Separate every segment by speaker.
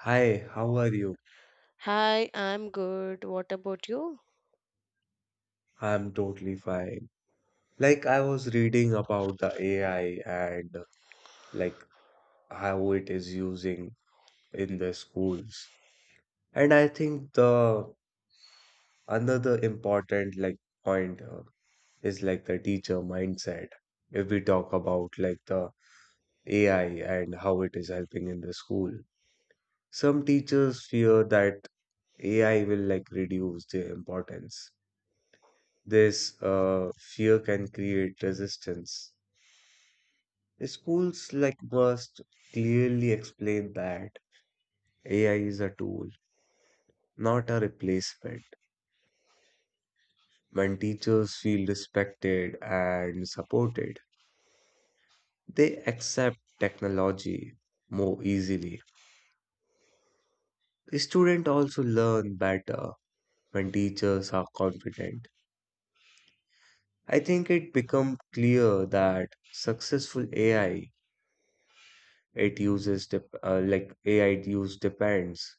Speaker 1: Hi, how are you?
Speaker 2: Hi, I'm good. What about you?
Speaker 1: I'm totally fine. Like, I was reading about the AI and like how it is using in the schools. And I think the another important point is like the teacher mindset. If we talk about like the AI and how it is helping in the school, some teachers fear that AI will like reduce their importance. This fear can create resistance. Schools like must clearly explain that AI is a tool, not a replacement. When teachers feel respected and supported, they accept technology more easily. Students also learn better when teachers are confident. I think it becomes clear that successful AI it uses dep uh, like AI use depends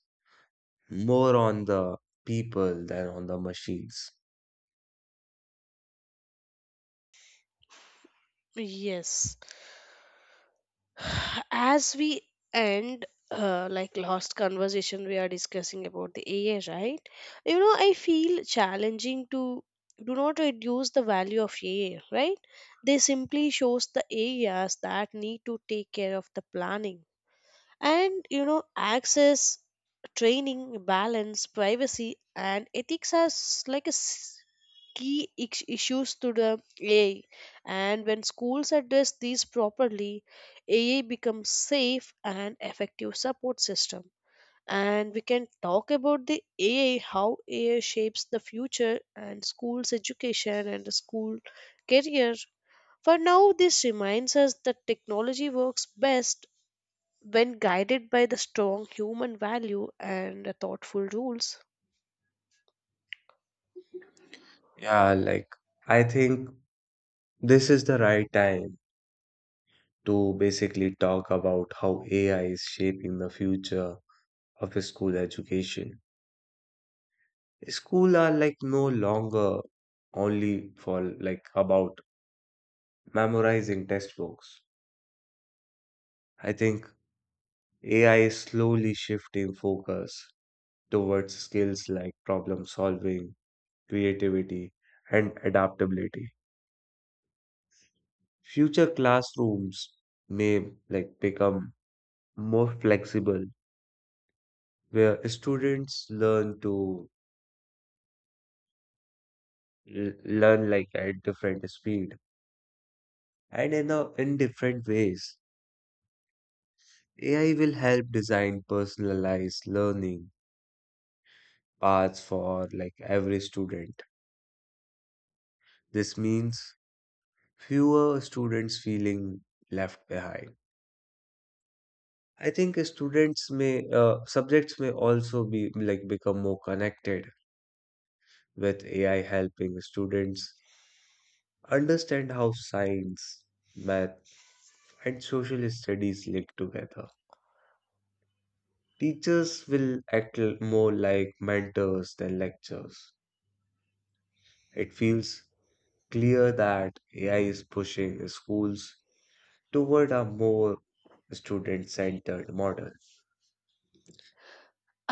Speaker 1: more on the people than on the machines.
Speaker 2: Yes. As we like last conversation we are discussing about the AI, right? You know, I feel challenging to do not reduce the value of AI, right? They simply shows the areas that need to take care of the planning. And you know, access, training, balance, privacy, and ethics are key issues to the AI. And when schools address these properly, AI becomes safe and effective support system. And we can talk about the AI, how AI shapes the future and schools education and the school career. For now, this reminds us that technology works best when guided by the strong human value and the thoughtful rules.
Speaker 1: Yeah, like I think this is the right time to basically talk about how AI is shaping the future of school education. School are like no longer only for like about memorizing textbooks. I think AI is slowly shifting focus towards skills like problem solving, creativity, and adaptability. Future classrooms may like become more flexible where students learn to learn like at different speed and in different ways. AI will help design personalized learning paths for like every student. This means fewer students feeling left behind. I think students may subjects may also be like become more connected with AI helping students understand how science, math, and social studies link together. Teachers will act more like mentors than lectures. It feels clear that AI is pushing schools toward a more student-centered model.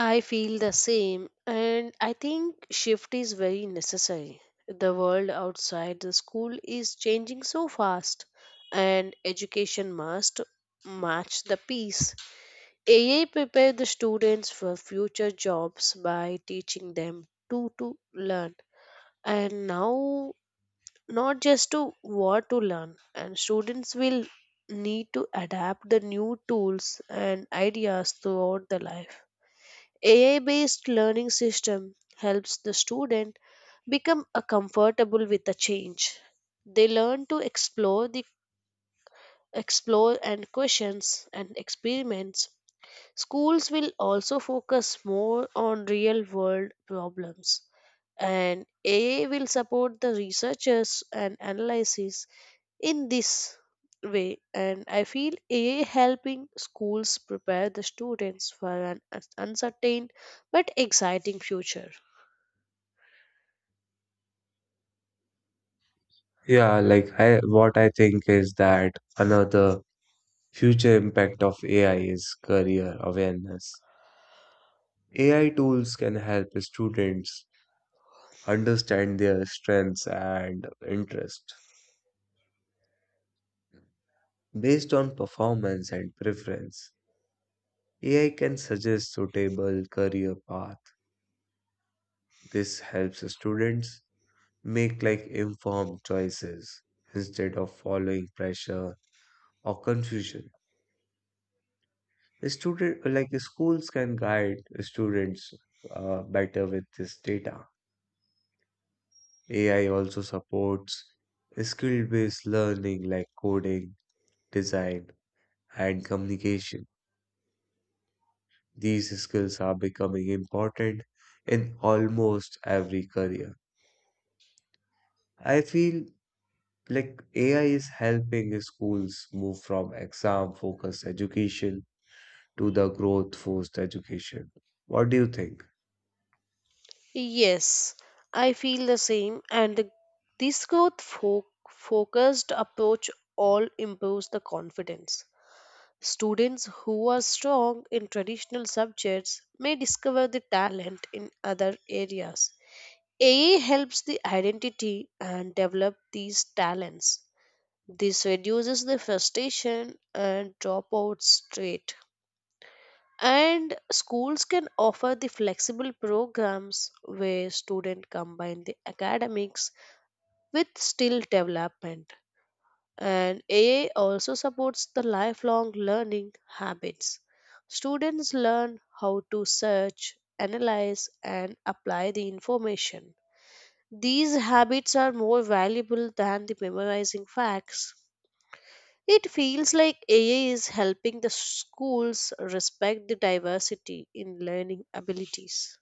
Speaker 2: I feel the same, and I think shift is very necessary. The world outside the school is changing so fast, and education must match the pace. AI prepare the students for future jobs by teaching them to learn. And now not just to what to learn, and students will need to adapt the new tools and ideas throughout the life. AI based learning system helps the student become a comfortable with the change. They learn to explore the explore and questions and experiments. Schools will also focus more on real world problems, and AI will support the researchers and analysis in this way. And I feel AI helping schools prepare the students for an uncertain but exciting future.
Speaker 1: Yeah, what I think is that another future impact of AI is career awareness. AI tools can help students understand their strengths and interests based on performance and preference. AI can suggest suitable career path. This helps students make like informed choices instead of following pressure or confusion. Student like Schools can guide students better with this data. AI also supports skill-based learning like coding, design, and communication. These skills are becoming important in almost every career. I feel like AI is helping schools move from exam focused education to the growth forced education. What do you think?
Speaker 2: Yes, I feel the same, and this growth focused approach all improves the confidence. Students who are strong in traditional subjects may discover the talent in other areas. AI helps the identity and develop these talents. This reduces the frustration and dropouts rate. And schools can offer the flexible programs where students combine the academics with skill development. And AA also supports the lifelong learning habits. Students learn how to search, analyze, and apply the information. These habits are more valuable than the memorizing facts. It feels like AA is helping the schools respect the diversity in learning abilities.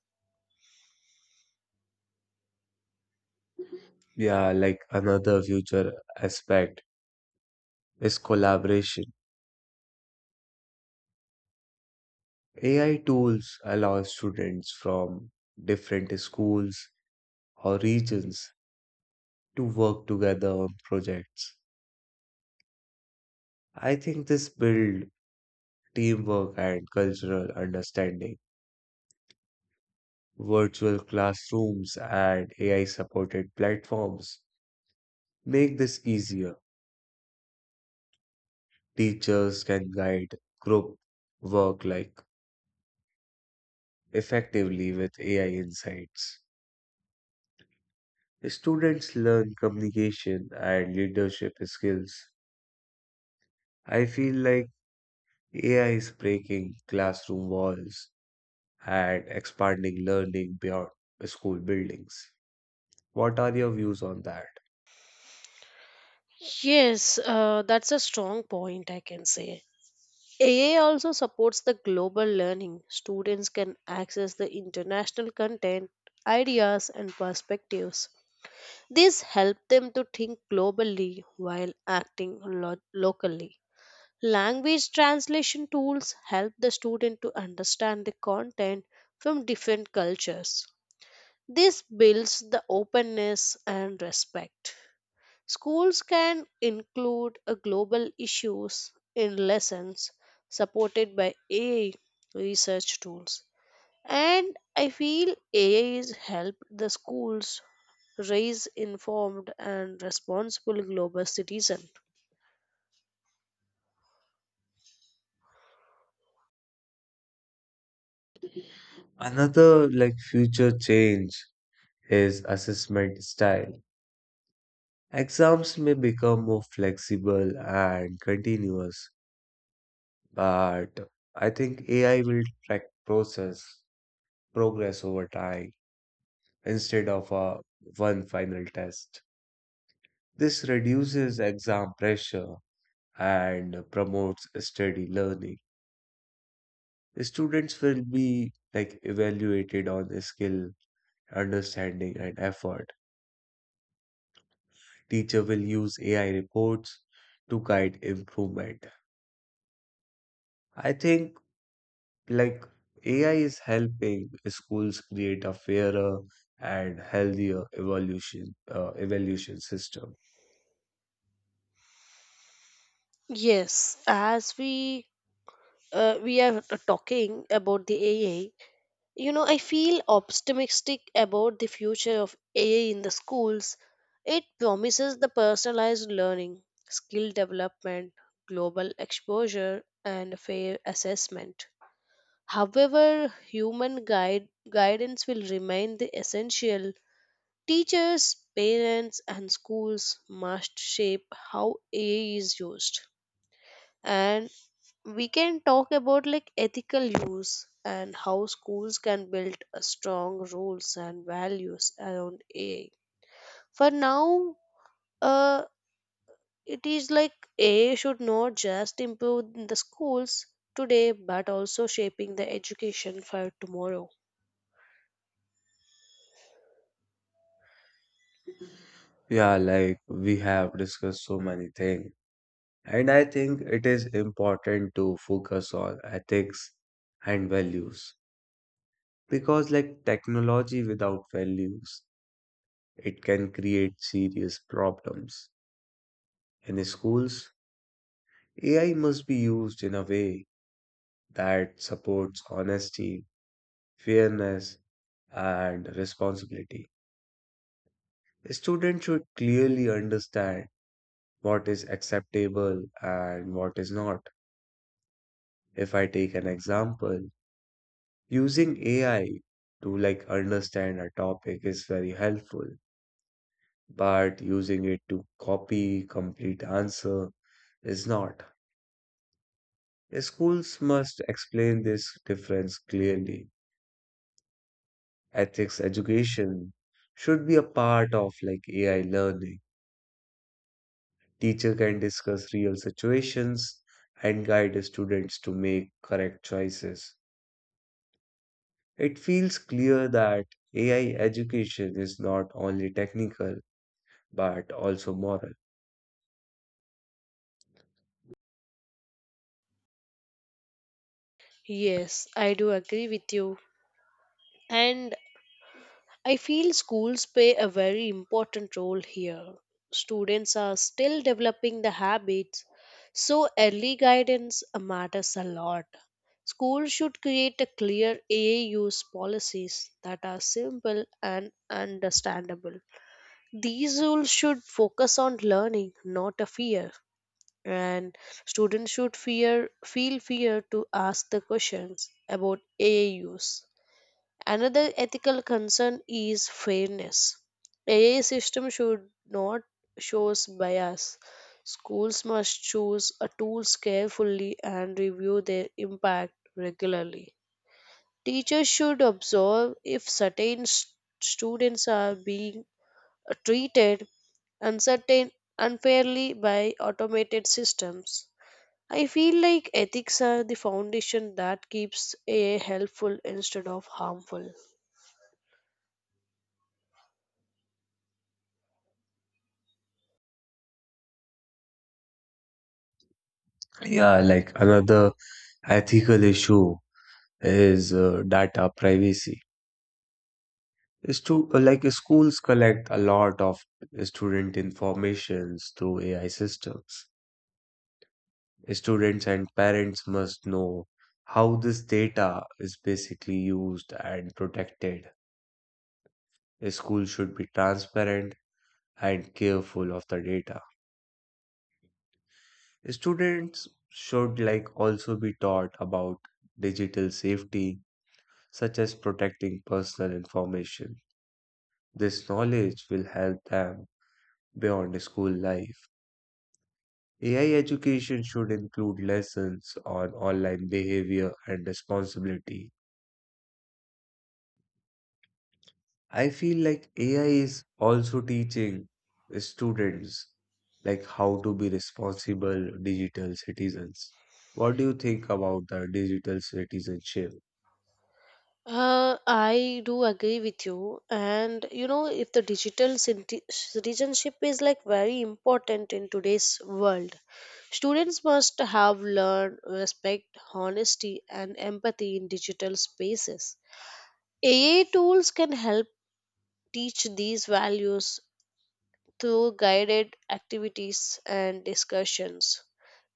Speaker 1: Yeah, like another future aspect is collaboration. AI tools allow students from different schools or regions to work together on projects. I think this build teamwork and cultural understanding. Virtual classrooms and AI supported platforms make this easier. Teachers can guide group work like effectively with AI insights. Students learn communication and leadership skills. I feel like AI is breaking classroom walls and expanding learning beyond school buildings. What are your views on that?
Speaker 2: Yes, that's a strong point, I can say. AA also supports the global learning. Students can access the international content, ideas, and perspectives. This helps them to think globally while acting locally. Language translation tools help the student to understand the content from different cultures. This builds the openness and respect. Schools can include a global issues in lessons supported by AI research tools. And I feel AI is help the schools raise informed and responsible global citizen.
Speaker 1: Another like future change is assessment style. Exams may become more flexible and continuous. But I think AI will track process progress over time instead of a one final test. This reduces exam pressure and promotes steady learning. Students will be like evaluated on the skill, understanding, and effort. Teacher will use AI reports to guide improvement. I think like AI is helping schools create a fairer and healthier evolution evaluation system.
Speaker 2: Yes, as we are talking about the AI. You know, I feel optimistic about the future of AI in the schools. It promises the personalized learning, skill development, global exposure, and fair assessment. However, guidance will remain the essential. Teachers, parents, and schools must shape how AI is used, and we can talk about like ethical use and how schools can build a strong rules and values around AI. For now, uh, it is like AI should not just improve in the schools today but also shaping the education for tomorrow.
Speaker 1: Yeah, like we have discussed so many things, and I think it is important to focus on ethics and values because, like technology without values, it can create serious problems. In schools, AI must be used in a way that supports honesty, fairness, and responsibility. Students should clearly understand what is acceptable and what is not. If I take an example, using AI to like understand a topic is very helpful, but using it to copy complete answer is not. Schools must explain this difference clearly. Ethics education should be a part of like AI learning. Teacher can discuss real situations and guide students to make correct choices. It feels clear that AI education is not only technical but also moral.
Speaker 2: Yes, I do agree with you. And I feel schools play a very important role here. Students are still developing the habits, so early guidance matters a lot. Schools should create a clear AA use policies that are simple and understandable. These rules should focus on learning, not a fear. And students should feel fear to ask the questions about AA use. Another ethical concern is fairness. AI system should not show bias. Schools must choose a tools carefully and review their impact regularly. Teachers should observe if certain students are being treated uncertain unfairly by automated systems. I feel like ethics are the foundation that keeps AI helpful instead of harmful.
Speaker 1: Yeah, like another ethical issue is data privacy. Schools collect a lot of student informations through AI systems. Students and parents must know how this data is basically used and protected. School should be transparent and careful of the data. Students should like also be taught about digital safety, such as protecting personal information. This knowledge will help them beyond school life. AI education should include lessons on online behavior and responsibility. I feel like AI is also teaching students like how to be responsible digital citizens. What do you think about the digital citizenship?
Speaker 2: I do agree with you, and you know, if the digital citizenship is like very important in today's world, students must have learned respect, honesty, and empathy in digital spaces. AI tools can help teach these values through guided activities and discussions.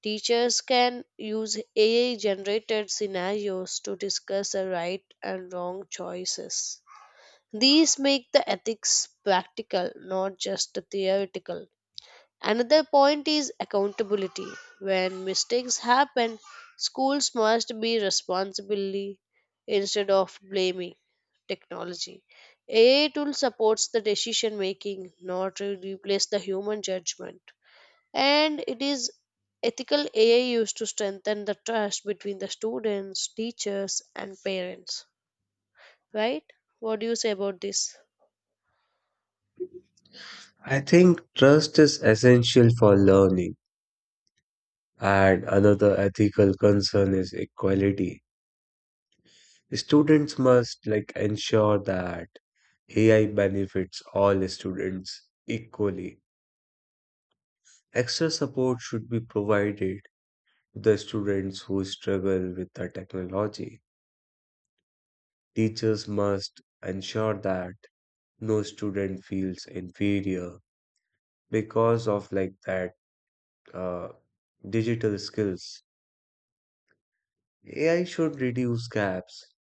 Speaker 2: Teachers can use AI generated scenarios to discuss the right and wrong choices. These make the ethics practical, not just theoretical. Another point is accountability. When mistakes happen, schools must be responsible instead of blaming technology. AI tool supports the decision making, not to replace the human judgment. And it is ethical AI used to strengthen the trust between the students, teachers, and parents. Right? What do you say about this?
Speaker 1: I think trust is essential for learning, and another ethical concern is equality. Students must like ensure that AI benefits all students equally. Extra support should be provided the students who struggle with the technology. Teachers must ensure that no student feels inferior because of like that uh, digital skills. AI should reduce gaps,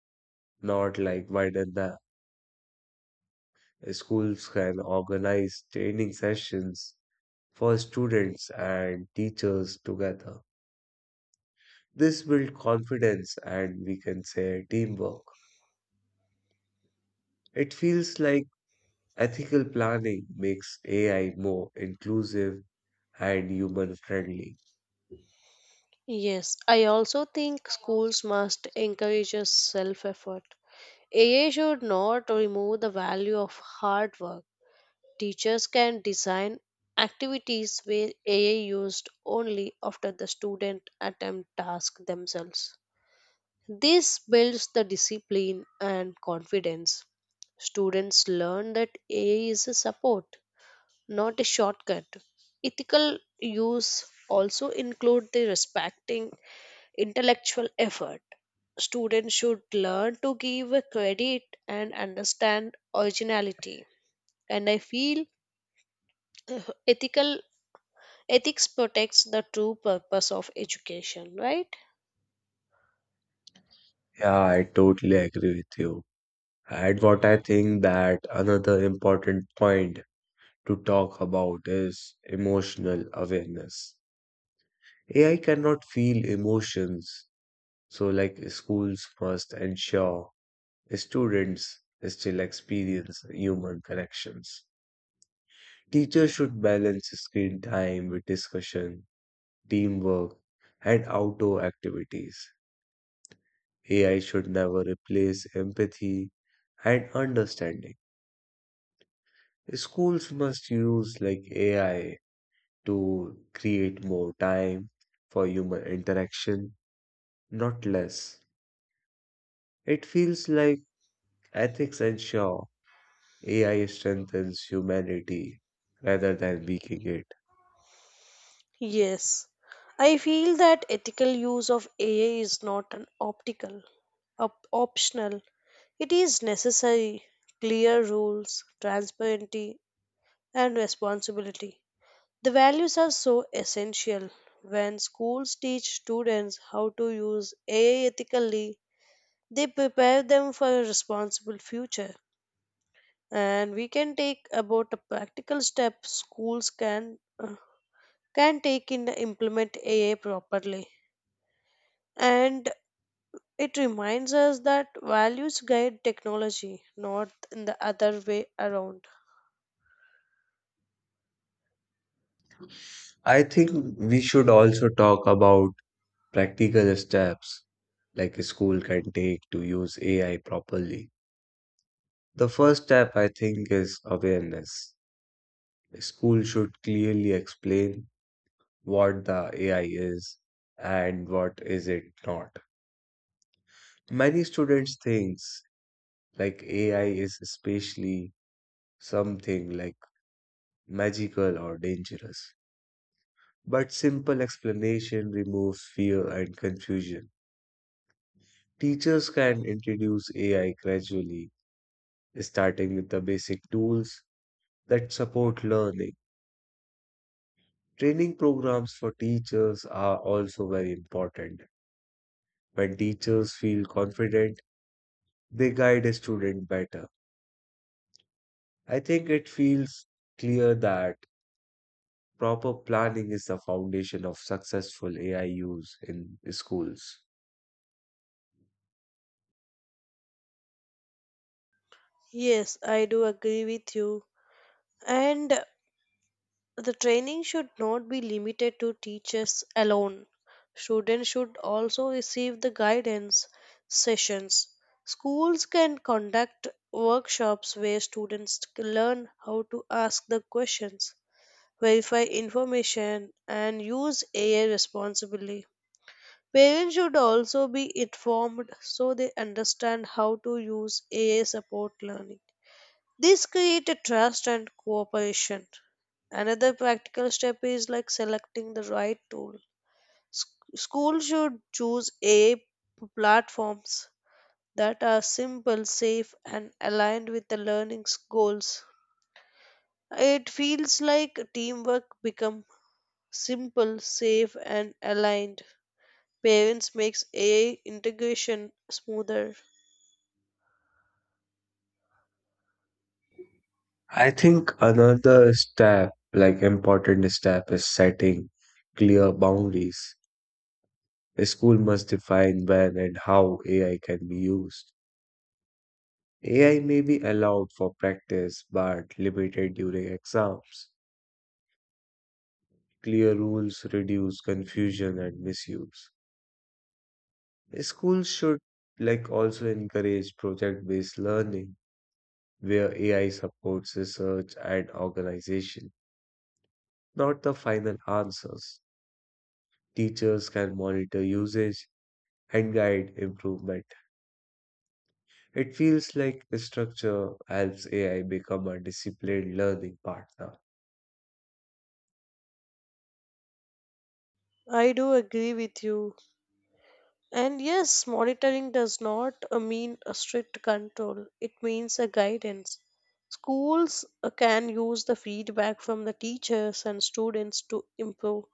Speaker 1: not like widen them. Schools can organize training sessions for students and teachers together. This builds confidence and we can say teamwork. It feels like ethical planning makes AI more inclusive and human friendly.
Speaker 2: Yes, I also think schools must encourage self effort. AI should not remove the value of hard work. Teachers can design activities where AI used only after the student attempt task themselves. This builds the discipline and confidence. Students learn that AI is a support, not a shortcut. Ethical use also include the respecting intellectual effort. Students should learn to give a credit and understand originality. And I feel ethical ethics protects the true purpose of education, right?
Speaker 1: Yeah, I totally agree with you. And what I think that another important point to talk about is emotional awareness. AI cannot feel emotions, so like schools must ensure students still experience human connections. Teachers should balance screen time with discussion, teamwork, and outdoor activities. AI should never replace empathy and understanding. Schools must use like AI to create more time for human interaction, not less. It feels like ethics ensure AI strengthens humanity rather than weakening it.
Speaker 2: Yes, I feel that ethical use of AI is not an optional. It is necessary. Clear rules, transparency, and responsibility. The values are so essential. When schools teach students how to use AI ethically, they prepare them for a responsible future. And we can take about a practical step schools can take in to implement AI properly. And it reminds us that values guide technology, not in the other way around.
Speaker 1: I think we should also talk about practical steps like a school can take to use AI properly. The first step, I think, is awareness. A school should clearly explain what the AI is and what is it not. Many students thinks like AI is especially something like magical or dangerous. But simple explanation removes fear and confusion. Teachers can introduce AI gradually, starting with the basic tools that support learning. Training programs for teachers are also very important. When teachers feel confident, they guide a student better. I think it feels clear that proper planning is the foundation of successful AI use in schools.
Speaker 2: Yes, I do agree with you. And the training should not be limited to teachers alone. Students should also receive the guidance sessions. Schools can conduct workshops where students learn how to ask the questions, verify information, and use AI responsibly. Parents should also be informed so they understand how to use AI support learning. This created trust and cooperation. Another practical step is like selecting the right tool. Sch- School should choose a platforms that are simple, safe, and aligned with the learning's goals. It feels like teamwork become simple, safe, and aligned. Parents makes AI integration smoother.
Speaker 1: I think another step, important step, is setting clear boundaries. A school must define when and how AI can be used. AI may be allowed for practice but limited during exams. Clear rules reduce confusion and misuse. Schools should like also encourage project-based learning where AI supports research and organization, not the final answers. Teachers can monitor usage and guide improvement. It feels like the structure helps AI become a disciplined learning partner.
Speaker 2: I do agree with you. And yes, monitoring does not mean a strict control, it means a guidance. Schools can use the feedback from the teachers and students to improve.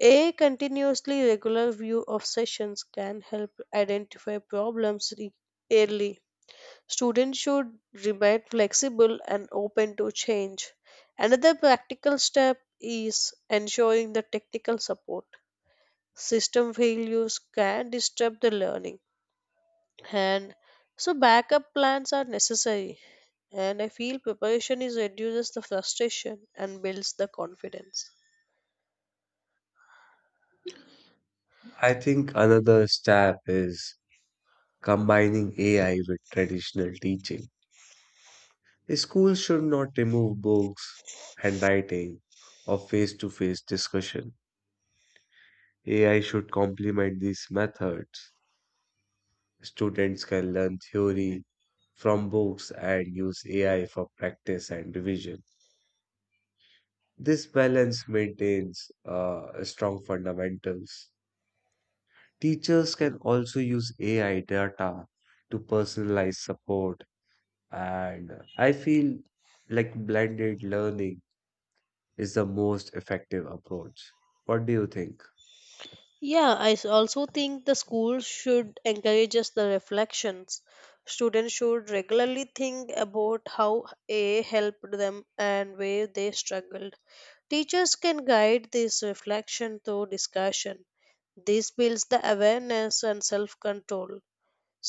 Speaker 2: A continuously regular view of sessions can help identify problems early. Students should remain flexible and open to change. Another practical step is ensuring the technical support. System failures can disturb the learning, and so backup plans are necessary. And I feel preparation is reduces the frustration and builds the confidence.
Speaker 1: I think another step is combining AI with traditional teaching. Schools should not remove books, handwriting, or face to face discussion. AI should complement these methods. Students can learn theory from books and use AI for practice and revision. This balance maintains strong fundamentals. Teachers can also use AI data to personalize support. And I feel like blended learning is the most effective approach. What do you think?
Speaker 2: Yeah, I also think the school should encourage us the reflections. Students should regularly think about how a helped them and where they struggled. Teachers can guide this reflection through discussion. This builds the awareness and self control.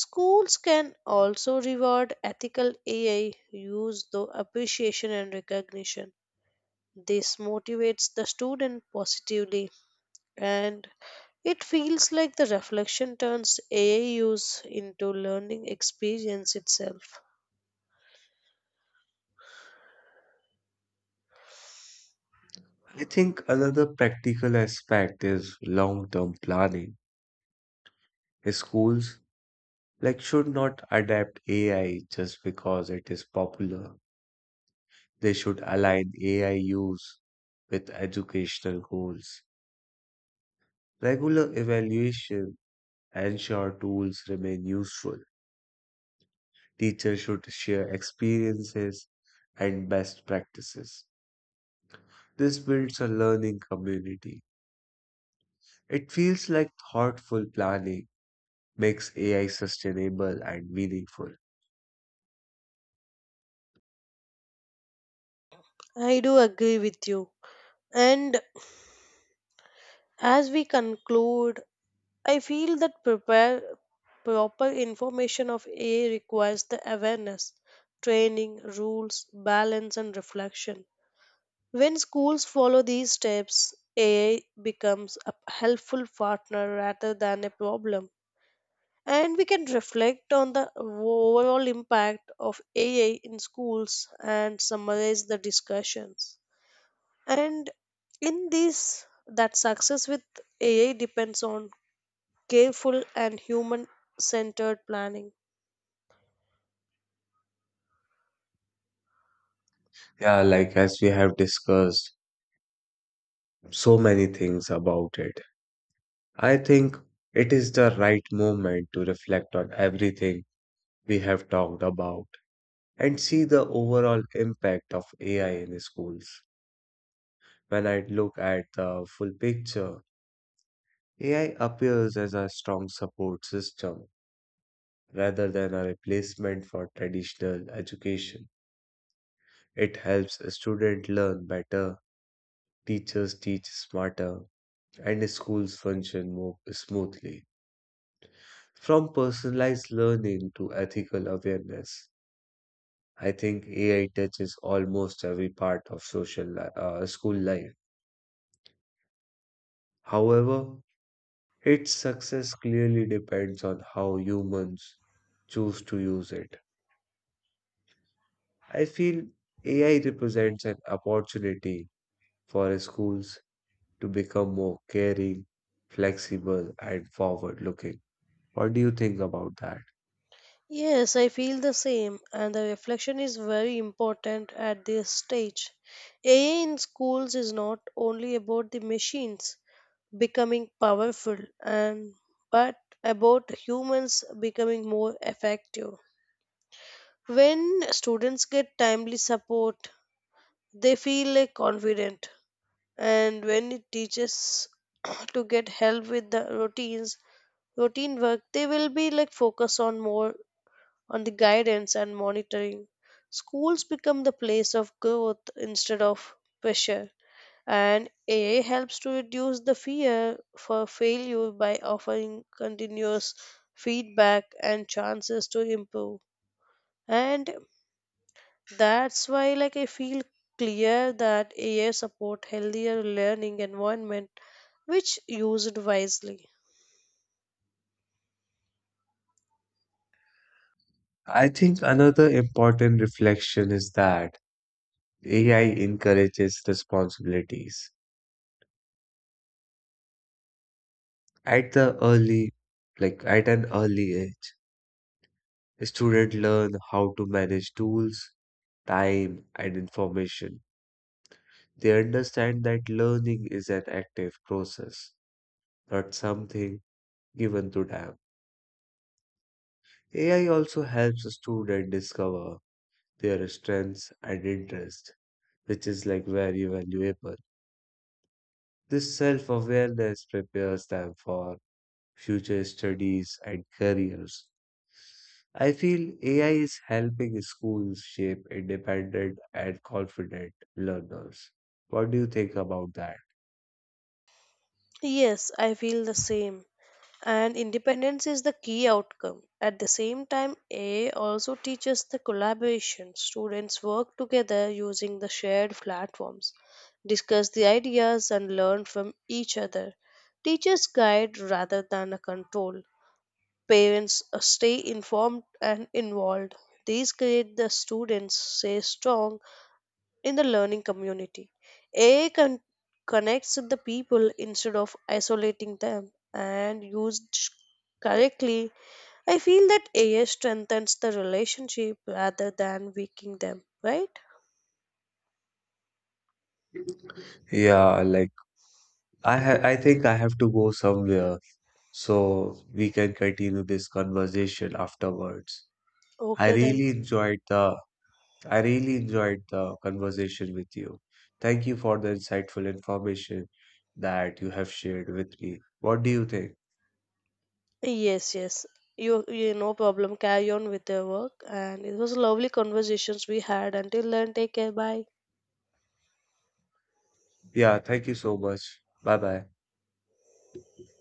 Speaker 2: Schools can also reward ethical AI use through appreciation and recognition. This motivates the student positively, and it feels like the reflection turns AI use into learning experience itself.
Speaker 1: I think another practical aspect is long-term planning. Schools like should not adapt AI just because it is popular. They should align AI use with educational goals. Regular evaluation ensure tools remain useful. Teachers should share experiences and best practices. This builds a learning community. It feels like thoughtful planning makes AI sustainable and meaningful.
Speaker 2: I do agree with you. And as we conclude, I feel that prepare proper information of AI requires the awareness, training, rules, balance and reflection. When schools follow these steps, AI becomes a helpful partner rather than a problem. And we can reflect on the overall impact of AI in schools and summarize the discussions. And in this, that success with AI depends on careful and human centered planning.
Speaker 1: Yeah, like as we have discussed so many things about it, I think it is the right moment to reflect on everything we have talked about and see the overall impact of AI in schools. When I look at the full picture, AI appears as a strong support system rather than a replacement for traditional education. It helps students learn better, teachers teach smarter, and schools function more smoothly. From personalized learning to ethical awareness, I think AI touches almost every part of school life. However, its success clearly depends on how humans choose to use it. I feel AI represents an opportunity for schools to become more caring, flexible, and forward looking. What do you think about that?
Speaker 2: Yes, I feel the same, and the reflection is very important at this stage. AI in schools is not only about the machines becoming powerful and but about humans becoming more effective. When students get timely support, they feel like confident, and when it teaches to get help with the routine work, they will be like focus on more on the guidance and monitoring. Schools become the place of growth instead of pressure. And AI helps to reduce the fear for failure by offering continuous feedback and chances to improve. And that's why like I feel clear that AI support healthier learning environment which used wisely.
Speaker 1: I think another important reflection is that AI encourages responsibilities. At the early, at an early age, students learn how to manage tools, time, and information. They understand that learning is an active process, not something given to them. AI also helps students discover their strengths and interests, which is like very valuable. This self awareness prepares them for future studies and careers. I feel AI is helping schools shape independent and confident learners. What do you think about that?
Speaker 2: Yes, I feel the same. And independence is the key outcome. At the same time, AI also teaches the collaboration. Students work together using the shared platforms, discuss the ideas, and learn from each other. Teachers guide rather than a control. Parents stay informed and involved. These create the students stay strong in the learning community. AI con- Connects the people instead of isolating them, and used correctly, I feel that AI strengthens the relationship rather than weakening them, right?
Speaker 1: Yeah, like I think I have to go somewhere, so we can continue this conversation afterwards. I
Speaker 2: Okay, then.
Speaker 1: really enjoyed the I really enjoyed the conversation with you. Thank you for the insightful information that you have shared with me. What do you think?
Speaker 2: Yes, yes. You no problem. Carry on with your work, and it was lovely conversations we had. Until then, take care. Bye.
Speaker 1: Yeah, thank you so much. Bye bye.